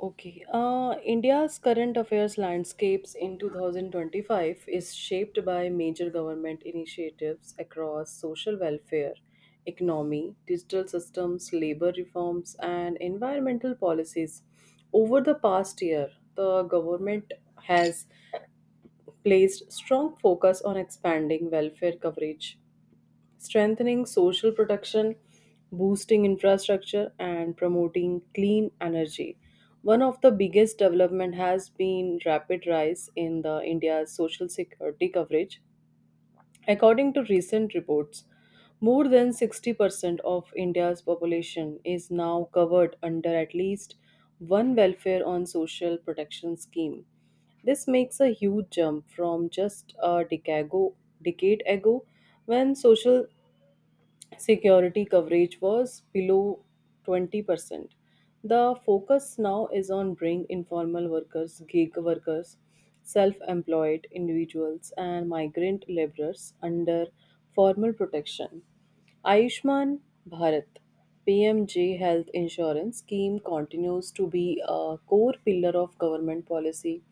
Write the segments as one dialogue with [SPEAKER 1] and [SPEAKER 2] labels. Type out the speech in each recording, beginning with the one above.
[SPEAKER 1] Okay. India's current affairs landscapes in 2025 is shaped by major government initiatives across social welfare, economy, digital systems, labor reforms, and environmental policies. Over the past year, the government has placed strong focus on expanding welfare coverage strengthening social protection, boosting infrastructure, and promoting clean energy. One of the biggest development has been rapid rise in the India's social security coverage. According to recent reports, more than 60% of India's population is now covered under at least one welfare on social protection scheme. This makes a huge jump from just a decade ago when social security coverage was below 20%. The focus now is on bringing informal workers, gig workers, self employed individuals, and migrant laborers under formal protection. Ayushman Bharat PMJ health insurance scheme continues to be a core pillar of government policy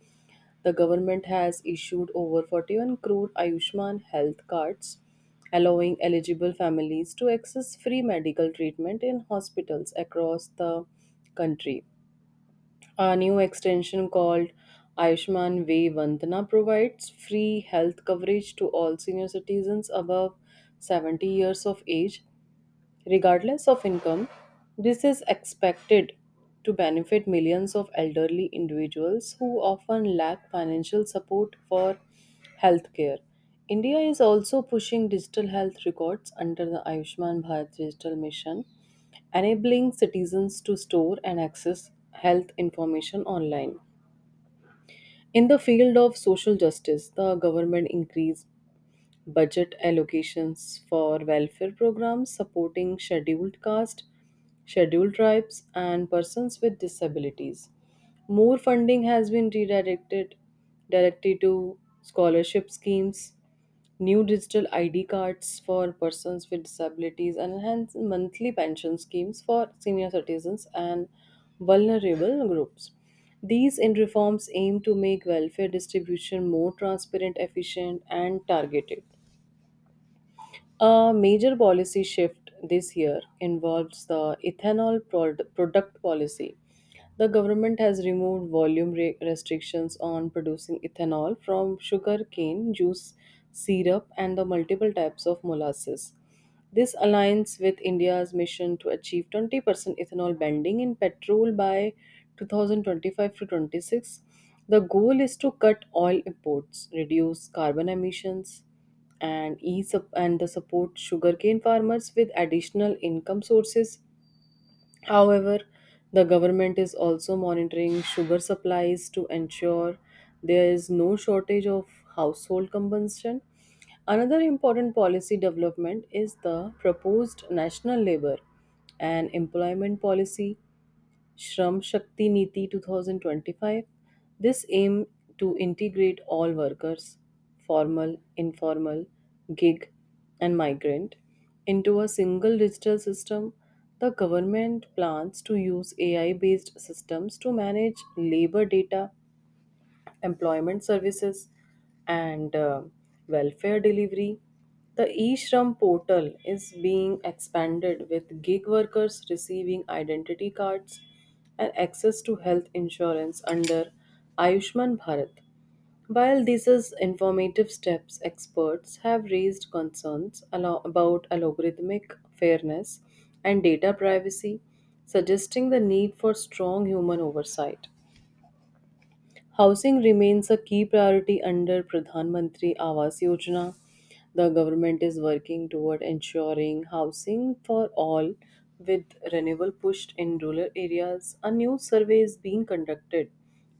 [SPEAKER 1] the government has issued over 41 crore Ayushman health cards, allowing eligible families to access free medical treatment in hospitals across the country. A new extension called Ayushman Vay Vandana provides free health coverage to all senior citizens above 70 years of age, regardless of income. This is expected to benefit millions of elderly individuals who often lack financial support for healthcare. India is also pushing digital health records under the Ayushman Bharat Digital Mission, enabling citizens to store and access health information online. In the field of social justice, the government increased budget allocations for welfare programs supporting scheduled caste, scheduled tribes, and persons with disabilities. More funding has been redirected directly to scholarship schemes, new digital ID cards for persons with disabilities, and enhanced monthly pension schemes for senior citizens and vulnerable groups. These in reforms aim to make welfare distribution more transparent, efficient, and targeted. A major policy shift this year involves the ethanol product policy. The government has removed volume restrictions on producing ethanol from sugar cane juice, syrup, and the multiple types of molasses. This aligns with India's mission to achieve 20% ethanol blending in petrol by 2025 to 26. The goal is to cut oil imports, reduce carbon emissions, and and the support sugarcane farmers with additional income sources. However, the government is also monitoring sugar supplies to ensure there is no shortage of household consumption. Another important policy development is the proposed national labor and employment policy Shram Shakti Niti 2025. This aim to integrate all workers, formal, informal, gig, and migrant, into a single digital system. The government plans to use AI based systems to manage labor data employment services, and welfare delivery. The eShram portal is being expanded with gig workers receiving identity cards and access to health insurance under Ayushman Bharat. While these is informative steps, experts have raised concerns about algorithmic fairness and data privacy, suggesting the need for strong human oversight. Housing remains a key priority under Pradhan Mantri Awas Yojana. The government is working toward ensuring housing for all with renewable pushed in rural areas. A new survey is being conducted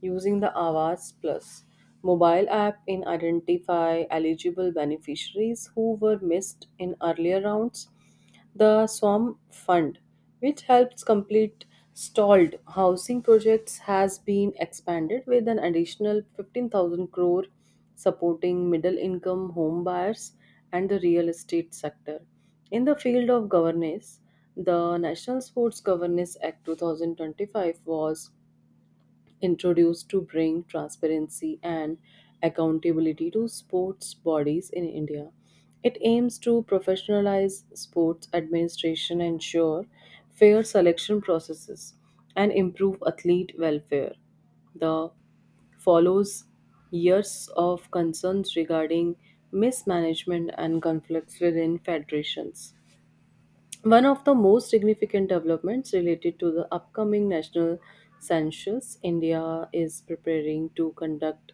[SPEAKER 1] using the Awas Plus mobile app in identify eligible beneficiaries who were missed in earlier rounds the Swam Fund, which helps complete stalled housing projects, has been expanded with an additional 15,000 crore supporting middle income home buyers and the real estate sector. In the field of governance, the National Sports Governance Act 2025 was introduced to bring transparency and accountability to sports bodies in India. It aims to professionalize sports administration, ensure fair selection processes, and improve athlete welfare. The follows years of concerns regarding mismanagement and conflicts within federations. One of the most significant developments related to the upcoming national census, India is preparing to conduct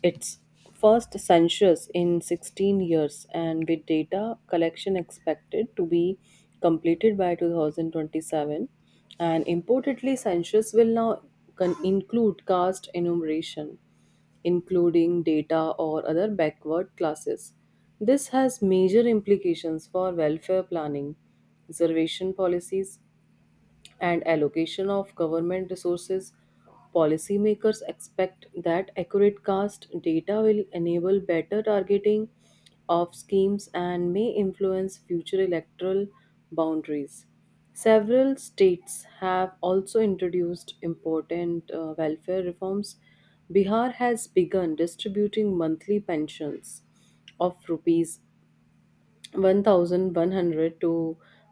[SPEAKER 1] its first census in 16 years and with data collection expected to be completed by 2027 and importantly census will now include caste enumeration including data or other backward classes. This has major implications for welfare planning, reservation policies, and allocation of government resources, policymakers expect that accurate caste data will enable better targeting of schemes and may influence future electoral boundaries. Several states have also introduced important welfare reforms. Bihar has begun distributing monthly pensions of rupees 1,100 to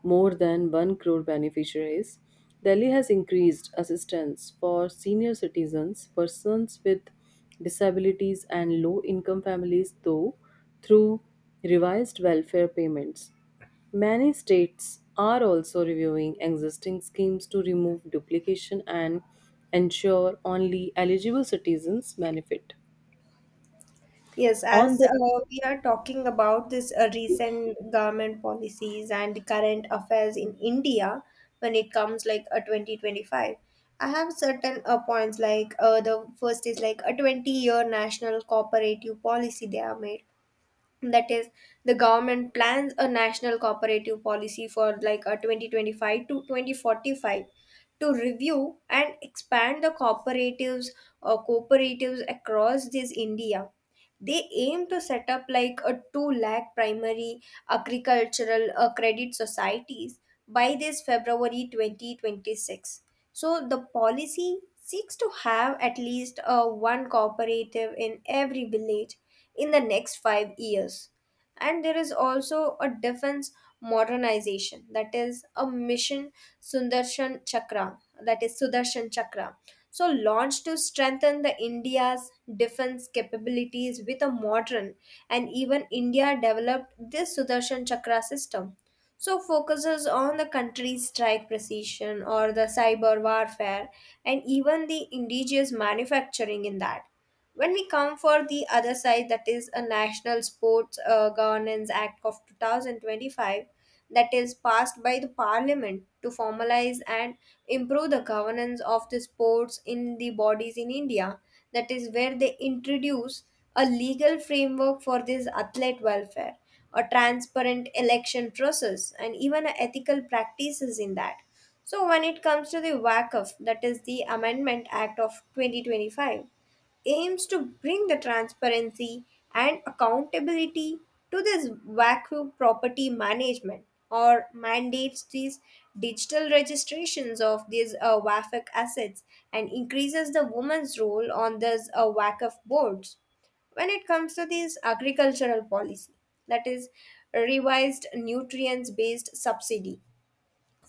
[SPEAKER 1] more than 1 crore beneficiaries. Delhi has increased assistance for senior citizens, persons with disabilities, and low income families, through revised welfare payments. Many states are also reviewing existing schemes to remove duplication and ensure only eligible citizens benefit.
[SPEAKER 2] Yes,
[SPEAKER 1] On
[SPEAKER 2] as
[SPEAKER 1] the
[SPEAKER 2] we are talking about this recent government policies and current affairs in India, when it comes like a 2025. I have certain points like the first is like a 20-year national cooperative policy they have made. That is, the government plans a national cooperative policy for like a 2025 to 2045 to review and expand the cooperatives across this India. They aim to set up like a 2 lakh primary agricultural credit societies by this February 2026. So the policy seeks to have at least one cooperative in every village in the next 5 years. And there is also a defense modernization, that is a mission Sundarshan Chakra that is Sudarshan Chakra, so launched to strengthen the India's defense capabilities with a modern, and even India developed this Sudarshan Chakra system. So focuses on the country's strike precision or the cyber warfare and even the indigenous manufacturing in that. When we come for the other side, that is a National Sports Governance Act of 2025 that is passed by the Parliament to formalize and improve the governance of the sports in the bodies in India. That is where they introduce a legal framework for this athlete welfare, a transparent election process, and even ethical practices in that. So when it comes to the WACF, that is the Amendment Act of 2025, aims to bring the transparency and accountability to this vacuum property management, or mandates these digital registrations of these WAFIC assets and increases the woman's role on these WACF boards. When it comes to this agricultural policy, that is revised nutrients based subsidy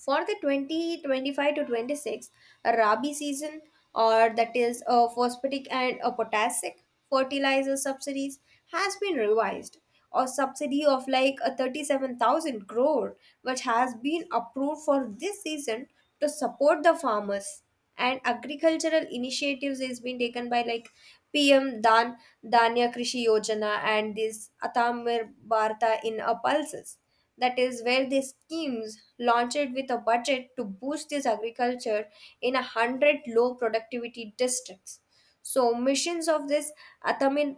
[SPEAKER 2] for the 2025 to 26 Rabi season, or that is a phosphatic and a potassic fertilizer subsidies, has been revised. A subsidy of like a 37,000 crore, which has been approved for this season to support the farmers and agricultural initiatives, is being taken by like PM Dan Danya Krishi Yojana and this Atamir Bharta in a pulses. That is where these schemes launched with a budget to boost this agriculture in a hundred low productivity districts. So missions of this Atamir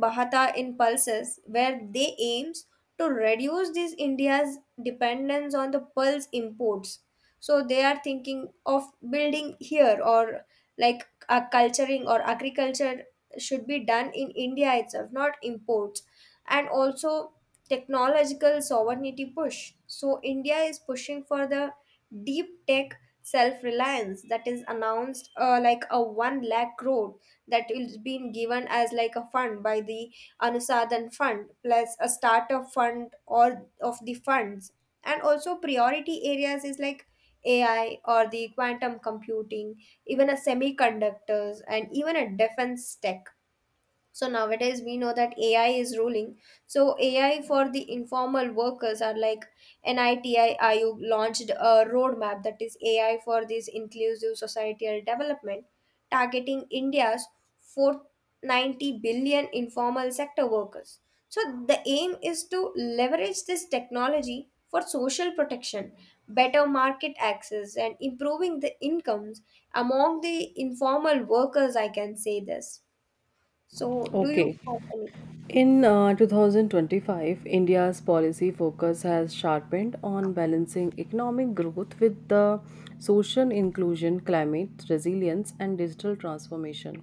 [SPEAKER 2] Bharta in pulses, where they aims to reduce this India's dependence on the pulse imports, so they are thinking of building here or like a culturing or agriculture should be done in India itself, not imports. And also technological sovereignty push. So, India is pushing for the deep tech self reliance, that is announced like a 1 lakh crore that is being given as like a fund by the Anusadhan fund plus a startup fund or of the funds. And also priority areas is like AI or the quantum computing, even a semiconductors and even a defense tech. So nowadays we know that AI is ruling. So AI for the informal workers are like Niti IU launched a roadmap, that is AI for this inclusive societal development, targeting India's 490 billion informal sector workers. So the aim is to leverage this technology for social protection, better market access, and improving the incomes among the informal workers, I can say this. So, do you
[SPEAKER 1] Okay.
[SPEAKER 2] have any?
[SPEAKER 1] In 2025, India's policy focus has sharpened on balancing economic growth with the social inclusion, climate resilience, and digital transformation.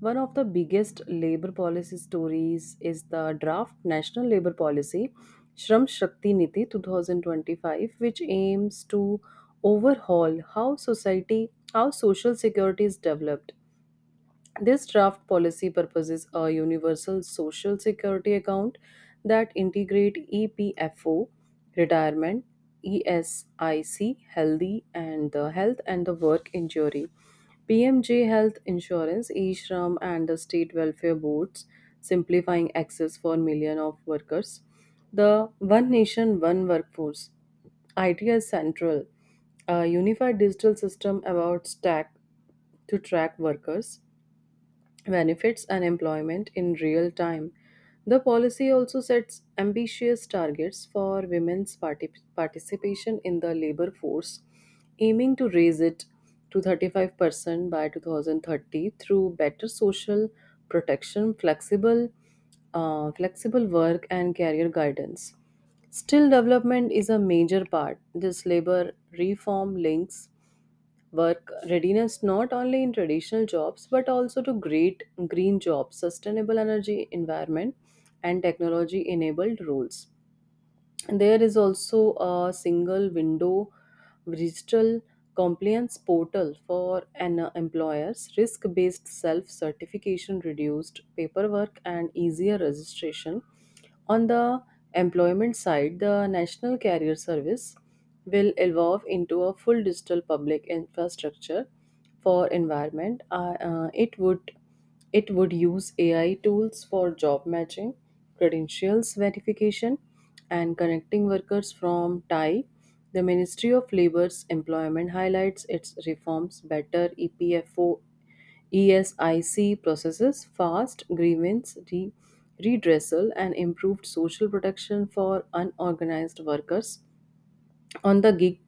[SPEAKER 1] One of the biggest labor policy stories is the draft National Labor Policy, Shram Shakti Niti 2025, which aims to overhaul how society, how social security is developed this draft policy proposes a universal social security account that integrate EPFO, retirement, ESIC, healthy and the health and the work injury, PMJ health insurance, ESHRAM and the state welfare boards, simplifying access for million of workers. The One Nation One Workforce idea central. A unified digital system about stack to track workers benefits and employment in real time. The policy also sets ambitious targets for women's participation in the labor force, aiming to raise it to 35% by 2030 through better social protection, flexible work, and career guidance. Still, development is a major part. This labor reform links work readiness not only in traditional jobs but also to great green jobs sustainable energy environment and technology enabled roles there is also a single window digital compliance portal for an employer's risk based self certification, reduced paperwork, and easier registration. On the employment side, the National Career Service will evolve into a full digital public infrastructure for environment. It would use AI tools for job matching, credentials verification, and connecting workers from Thai. The Ministry of Labor's employment highlights its reforms better EPFO ESIC processes, fast grievance redressal, and improved social protection for unorganized workers. On the gig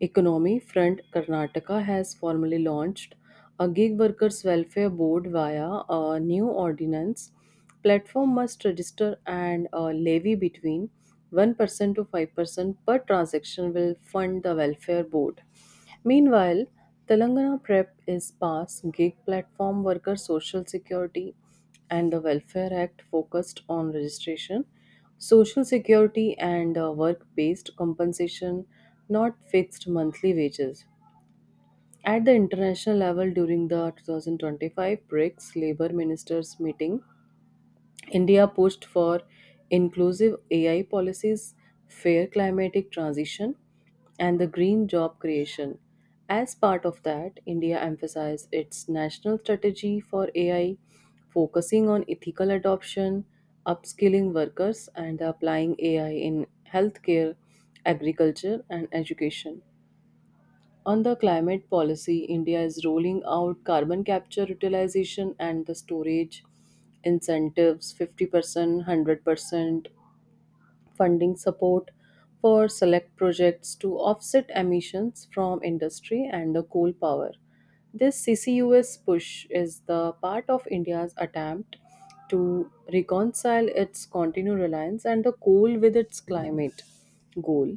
[SPEAKER 1] economy front, Karnataka has formally launched a gig workers welfare board via a new ordinance. Platform must register and levy between 1% to 5% per transaction will fund the welfare board. Meanwhile, Telangana PrEP is PASS, Gig Platform Worker Social Security and the Welfare Act focused on registration, social security, and work based compensation, not fixed monthly wages. At the international level during the 2025 BRICS Labour Ministers meeting, India pushed for inclusive AI policies, fair climatic transition, and the green job creation. As part of that, India emphasized its national strategy for AI, focusing on ethical adoption, upskilling workers, and applying AI in healthcare, agriculture, and education. On the climate policy, India is rolling out carbon capture utilization and the storage incentives 50%, 100%, funding support for select projects to offset emissions from industry and the coal power. This CCUS push is the part of India's attempt to reconcile its continued reliance and the coal with its climate goal.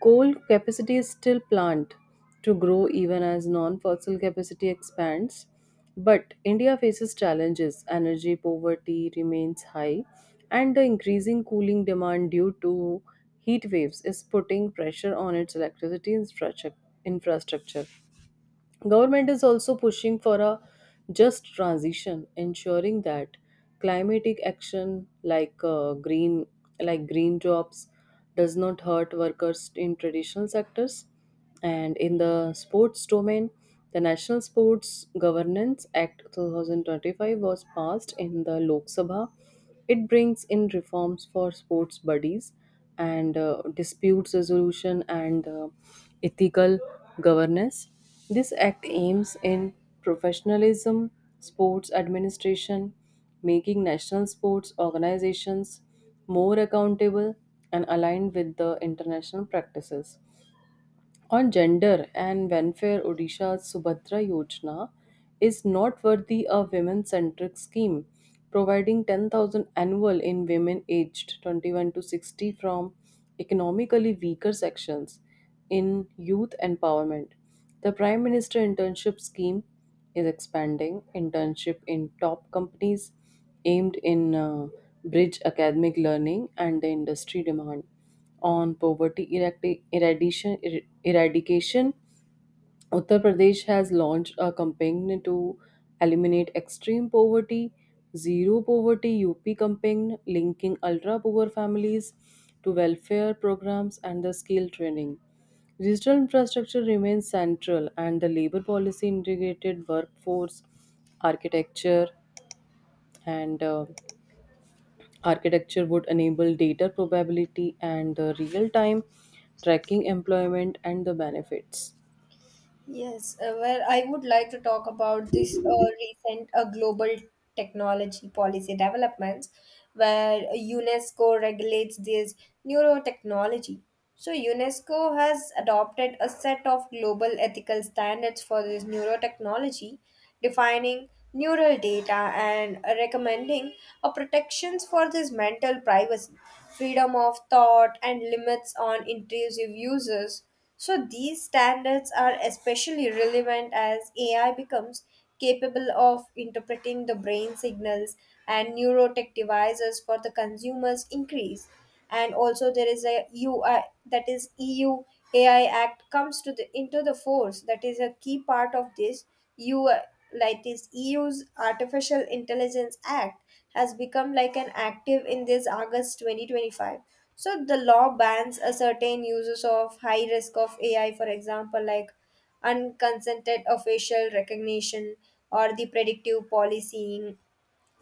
[SPEAKER 1] Coal capacity is still planned to grow even as non fossil capacity expands, but India faces challenges. Energy poverty remains high, and the increasing cooling demand due to heat waves is putting pressure on its electricity infrastructure. Government is also pushing for a just transition, ensuring that climatic action like green jobs does not hurt workers in traditional sectors. And in the sports domain, the National Sports Governance Act 2025 was passed in the Lok Sabha it brings in reforms for sports buddies and dispute resolution and ethical governance. This act aims in professionalism, sports administration, making national sports organizations more accountable and aligned with the international practices on gender and welfare, Odisha's Subhadra Yojana is noteworthy a women centric scheme providing 10,000 annual in women aged 21 to 60 from economically weaker sections in youth empowerment. The Prime Minister Internship Scheme is expanding internship in top companies aimed in bridge academic learning and the industry demand on poverty eradication, Uttar Pradesh has launched a campaign to eliminate extreme poverty, zero poverty UP campaign, linking ultra poor families to welfare programs and the skill training. Digital infrastructure remains central, and the labor policy integrated workforce architecture and Architecture would enable data probability and real time tracking employment and the benefits.
[SPEAKER 2] Yes, well, I would like to talk about this recent global technology policy developments where UNESCO regulates this neurotechnology. So, UNESCO has adopted a set of global ethical standards for this neurotechnology, defining neural data and recommending a protections for this mental privacy, freedom of thought, and limits on intrusive uses. So these standards are especially relevant as AI becomes capable of interpreting the brain signals and neurotech devices for the consumers increase. And also there is a UI, that is EU AI Act comes to the into the force, that is a key part of this UI, like this EU's Artificial Intelligence Act has become like an active in this August 2025. So the law bans a certain uses of high risk of AI, for example, like unconsented facial recognition or the predictive policing.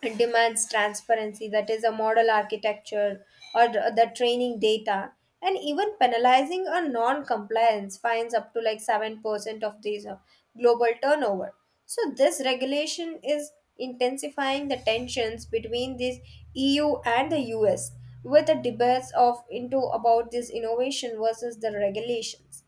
[SPEAKER 2] It demands transparency, that is, a model architecture or the training data. And even penalizing a non compliance fines up to like 7% of these global turnover. So, this regulation is intensifying the tensions between this EU and the US with the debates of into about this innovation versus the regulations.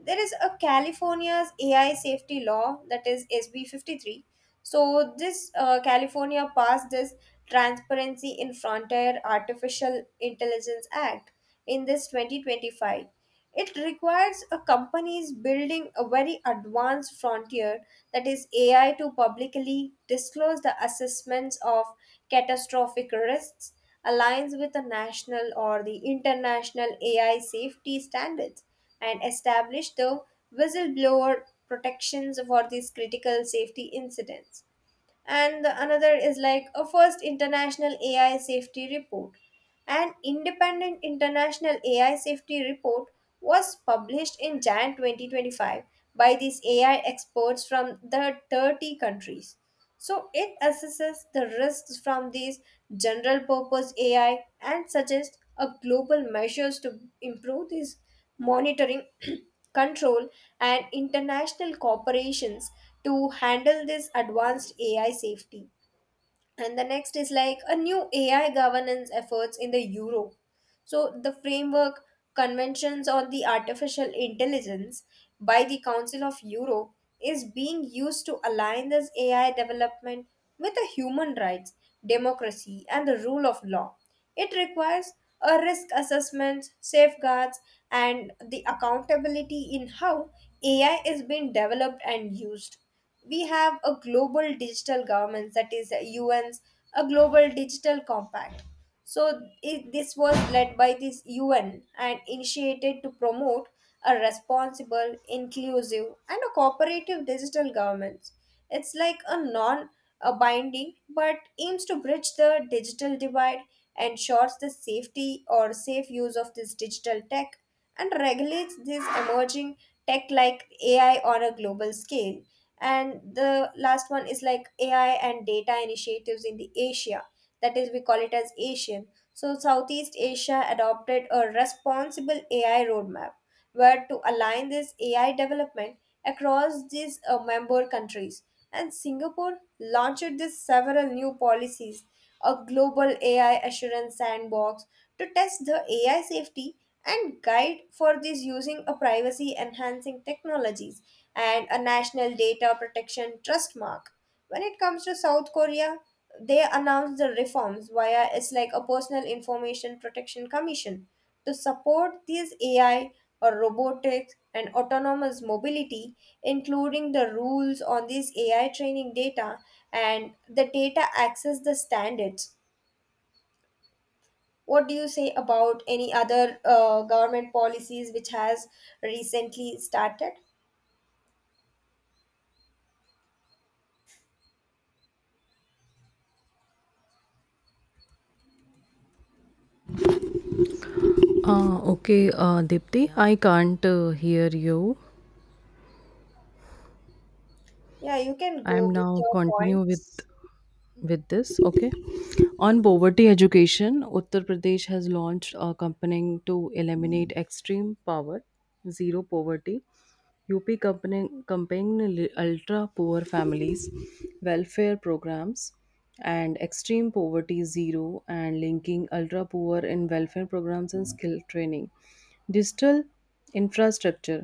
[SPEAKER 2] There is a California's AI safety law, that is SB 53. So this California passed this Transparency in Frontier Artificial Intelligence Act in this 2025. It requires a companies building a very advanced frontier, that is AI, to publicly disclose the assessments of catastrophic risks, aligns with the national or the international AI safety standards, and establish the whistleblower protections for these critical safety incidents. And the another is like a first international AI safety report. An independent international AI safety report was published in Jan 2025 by these AI experts from the 30 countries. So it assesses the risks from these general purpose AI and suggests a global measures to improve this monitoring control, and international corporations to handle this advanced AI safety. And the next is like a new AI governance efforts in the Europe. So, the framework Conventions on the Artificial Intelligence by the Council of Europe is being used to align this AI development with the human rights, democracy, and the rule of law. It requires a risk assessment, safeguards, and the accountability in how AI is being developed and used. We have a global digital governance, that is, UN's, a global digital compact. So it, this was led by this UN and initiated to promote a responsible, inclusive, and a cooperative digital governance. It's like a non a binding, but aims to bridge the digital divide, ensures the safety or safe use of this digital tech, and regulates this emerging tech like AI on a global scale. And the last one is like AI and data initiatives in the Asia. That is, we call it as Asian. So Southeast Asia adopted a responsible AI roadmap were to align this AI development across these member countries. And Singapore launched this several new policies, a global AI assurance sandbox to test the AI safety and guide for this using a privacy enhancing technologies and a national data protection trust mark. When it comes to South Korea, they announced the reforms via it's like a personal information protection commission to support these AI or robotics and autonomous mobility, including the rules on these AI training data and the data access the standards. What do you say about any other government policies which has recently started?
[SPEAKER 1] Okay, Dipti, I can't hear you.
[SPEAKER 2] Yeah, you can
[SPEAKER 1] I'm
[SPEAKER 2] go with
[SPEAKER 1] now
[SPEAKER 2] your
[SPEAKER 1] continue with
[SPEAKER 2] points.
[SPEAKER 1] with this. Okay. On poverty education, Uttar Pradesh has launched a campaign to eliminate extreme poverty, zero poverty. UP campaign ultra poor families, welfare programs, and extreme poverty zero, and linking ultra poor in welfare programs and skill training. Digital infrastructure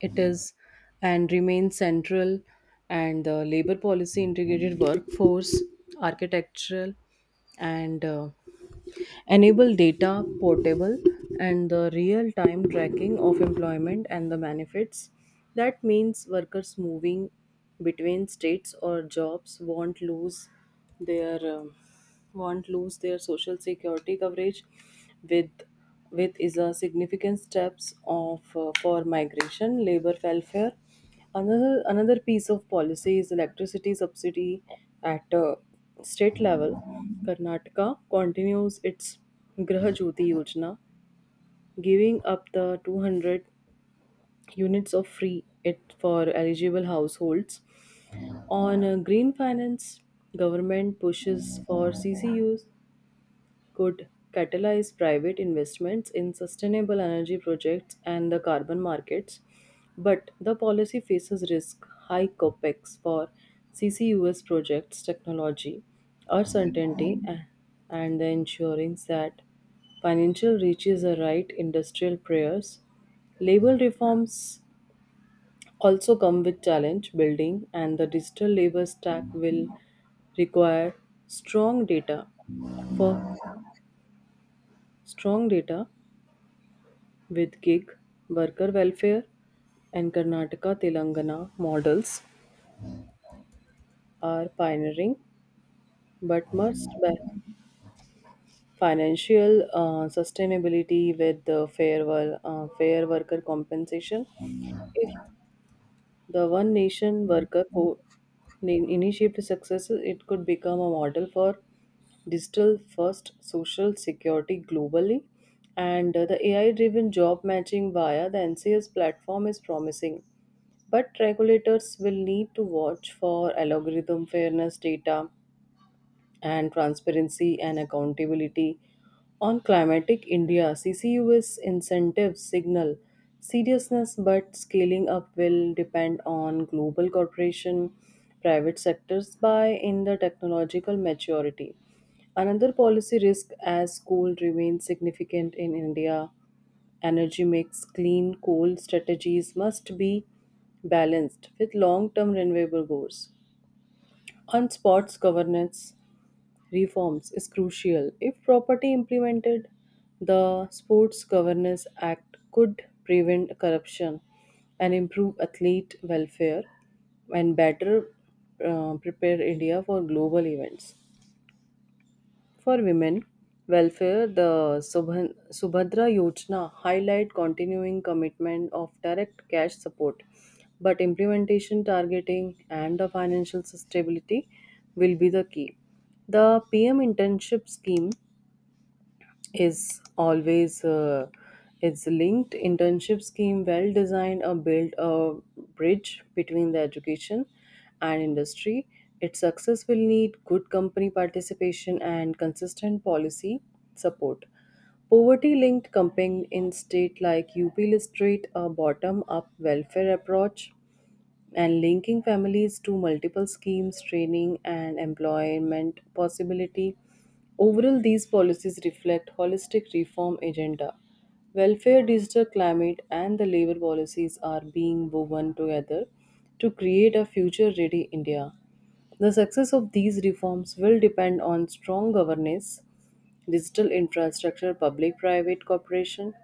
[SPEAKER 1] it is and remains central, and the labor policy, integrated workforce, architectural, and enable data portable and the real time tracking of employment and the benefits that means workers moving between states or jobs won't lose their social security coverage with with is a significant steps of for migration labor welfare Another piece of policy is electricity subsidy at state level. Karnataka continues its Graha Jyoti Yojana, giving up the 200 units of free it for eligible households. On green finance, government pushes for CCUs could catalyze private investments in sustainable energy projects and the carbon markets, but the policy faces risk high capex for CCUS projects, technology, uncertainty, and the ensuring that financial reaches the right industrial prayers. Labor reforms also come with challenge building, and the digital labor stack will require strong data for Strong data with gig, worker welfare, and Karnataka Telangana models are pioneering, but must balance financial sustainability with the fair worker compensation. If the One Nation initiative successes, it could become a model for digital first social security globally. And the AI driven job matching via the NCS platform is promising. But regulators will need to watch for algorithm fairness data, and transparency and accountability on climatic India. CCUS incentives signal seriousness, but scaling up will depend on global corporation, private sectors by in the technological maturity. Another policy risk as coal remains significant in India energy mix, clean coal strategies must be balanced with long term renewable goals. On sports governance, reforms is crucial. If properly implemented, the Sports Governance Act could prevent corruption and improve athlete welfare and better prepare India for global events. For women welfare, the Subhan- Subhadra Yojana highlight continuing commitment of direct cash support, but implementation, targeting, and the financial stability will be the key. The PM internship scheme is always it's linked internship scheme well designed or built a bridge between the education and industry its success will need good company participation and consistent policy support poverty linked campaign in state like up illustrate a bottom up welfare approach and linking families to multiple schemes, training, and employment possibility. Overall, these policies reflect holistic reform agenda. Welfare, digital climate, and the labor policies are being woven together to create a future-ready India. The success of these reforms will depend on strong governance, digital infrastructure, public private cooperation,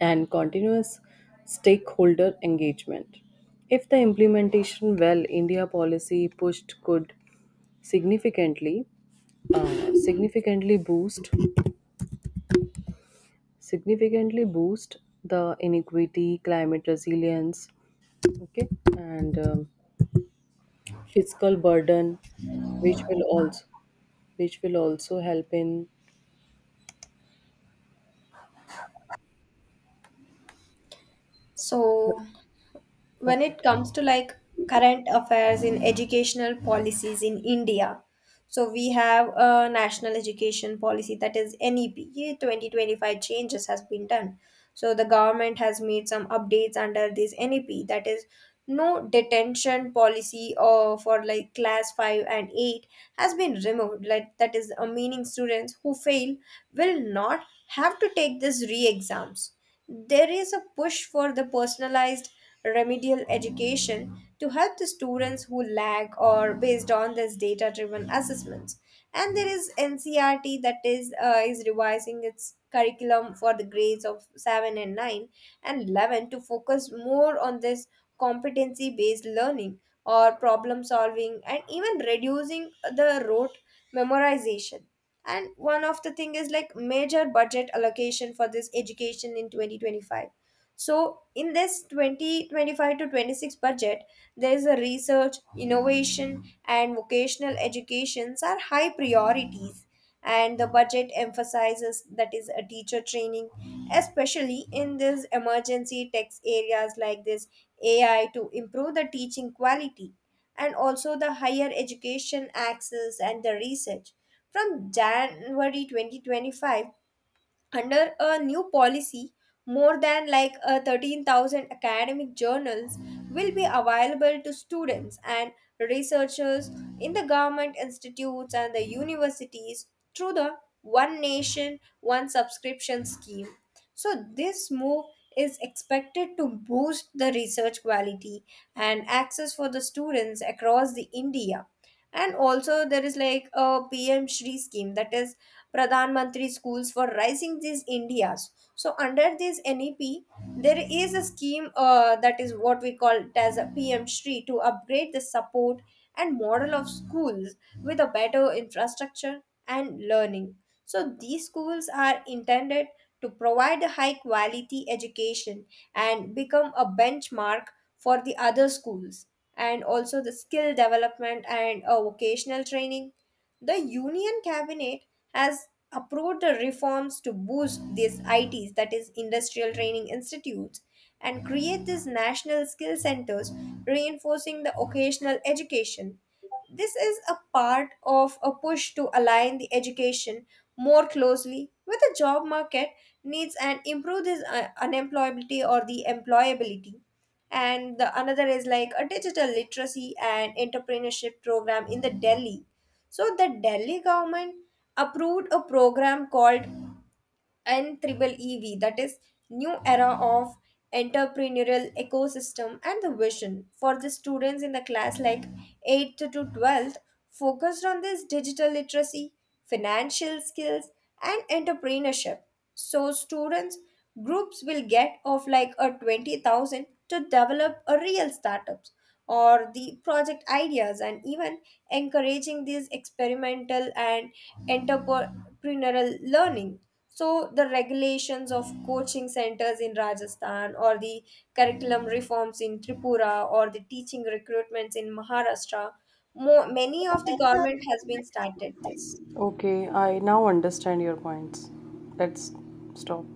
[SPEAKER 1] and continuous stakeholder engagement. If the implementation well, India policy pushed could significantly uh, significantly boost significantly boost the inequity, climate resilience, okay, and fiscal burden, which will also which will also help in
[SPEAKER 2] So when
[SPEAKER 1] okay.
[SPEAKER 2] it comes to like current affairs in educational policies in India, so we have a national education policy, that is NEP 2025. Changes has been done, so the government has made some updates under this NEP. That is no detention policy or for like class 5 and 8 has been removed, like that is a meaning students who fail will not have to take this re-exams. There is a push for the personalized remedial education to help the students who lag or based on this data driven assessments. And there is NCRT, that is revising its curriculum for the grades of 7 and 9 and 11 to focus more on this competency based learning or problem solving, and even reducing the rote memorization. And one of the thing is like major budget allocation for this education in 2025. So, in this 2025 to 26 budget, there is a research, innovation, and vocational educations are high priorities. And the budget emphasizes that is a teacher training, especially in these emergency text areas like this AI to improve the teaching quality, and also the higher education access and the research. From January 2025, under a new policy, more than like 13,000 academic journals will be available to students and researchers in the government institutes and the universities through the One Nation, One Subscription scheme. So, this move is expected to boost the research quality and access for the students across the India. And also there is like a PM Shri scheme, that is Pradhan Mantri Schools for Rising these Indias. So under this NEP, there is a scheme that is what we call it as a PM Shri to upgrade the support and model of schools with a better infrastructure and learning. So these schools are intended to provide a high quality education and become a benchmark for the other schools. And also the skill development and vocational training. The Union Cabinet has approved the reforms to boost these ITs, that is, Industrial Training Institutes, and create these national skill centers, reinforcing the occasional education. This is a part of a push to align the education more closely with the job market needs and improve this unemployability or the employability. And the another is like a digital literacy and entrepreneurship program in the Delhi. So the Delhi government approved a program called and Triple EV, that is new era of entrepreneurial ecosystem and the vision for the students in the class like 8th to 12th, focused on this digital literacy, financial skills and entrepreneurship. So students groups will get of like a 20,000 to develop a real startups or the project ideas, and even encouraging these experimental and entrepreneurial learning. So the regulations of coaching centers in Rajasthan, or the curriculum reforms in Tripura, or the teaching recruitments in Maharashtra, many of the government has been started this.
[SPEAKER 1] Okay, I now understand your points. Let's stop.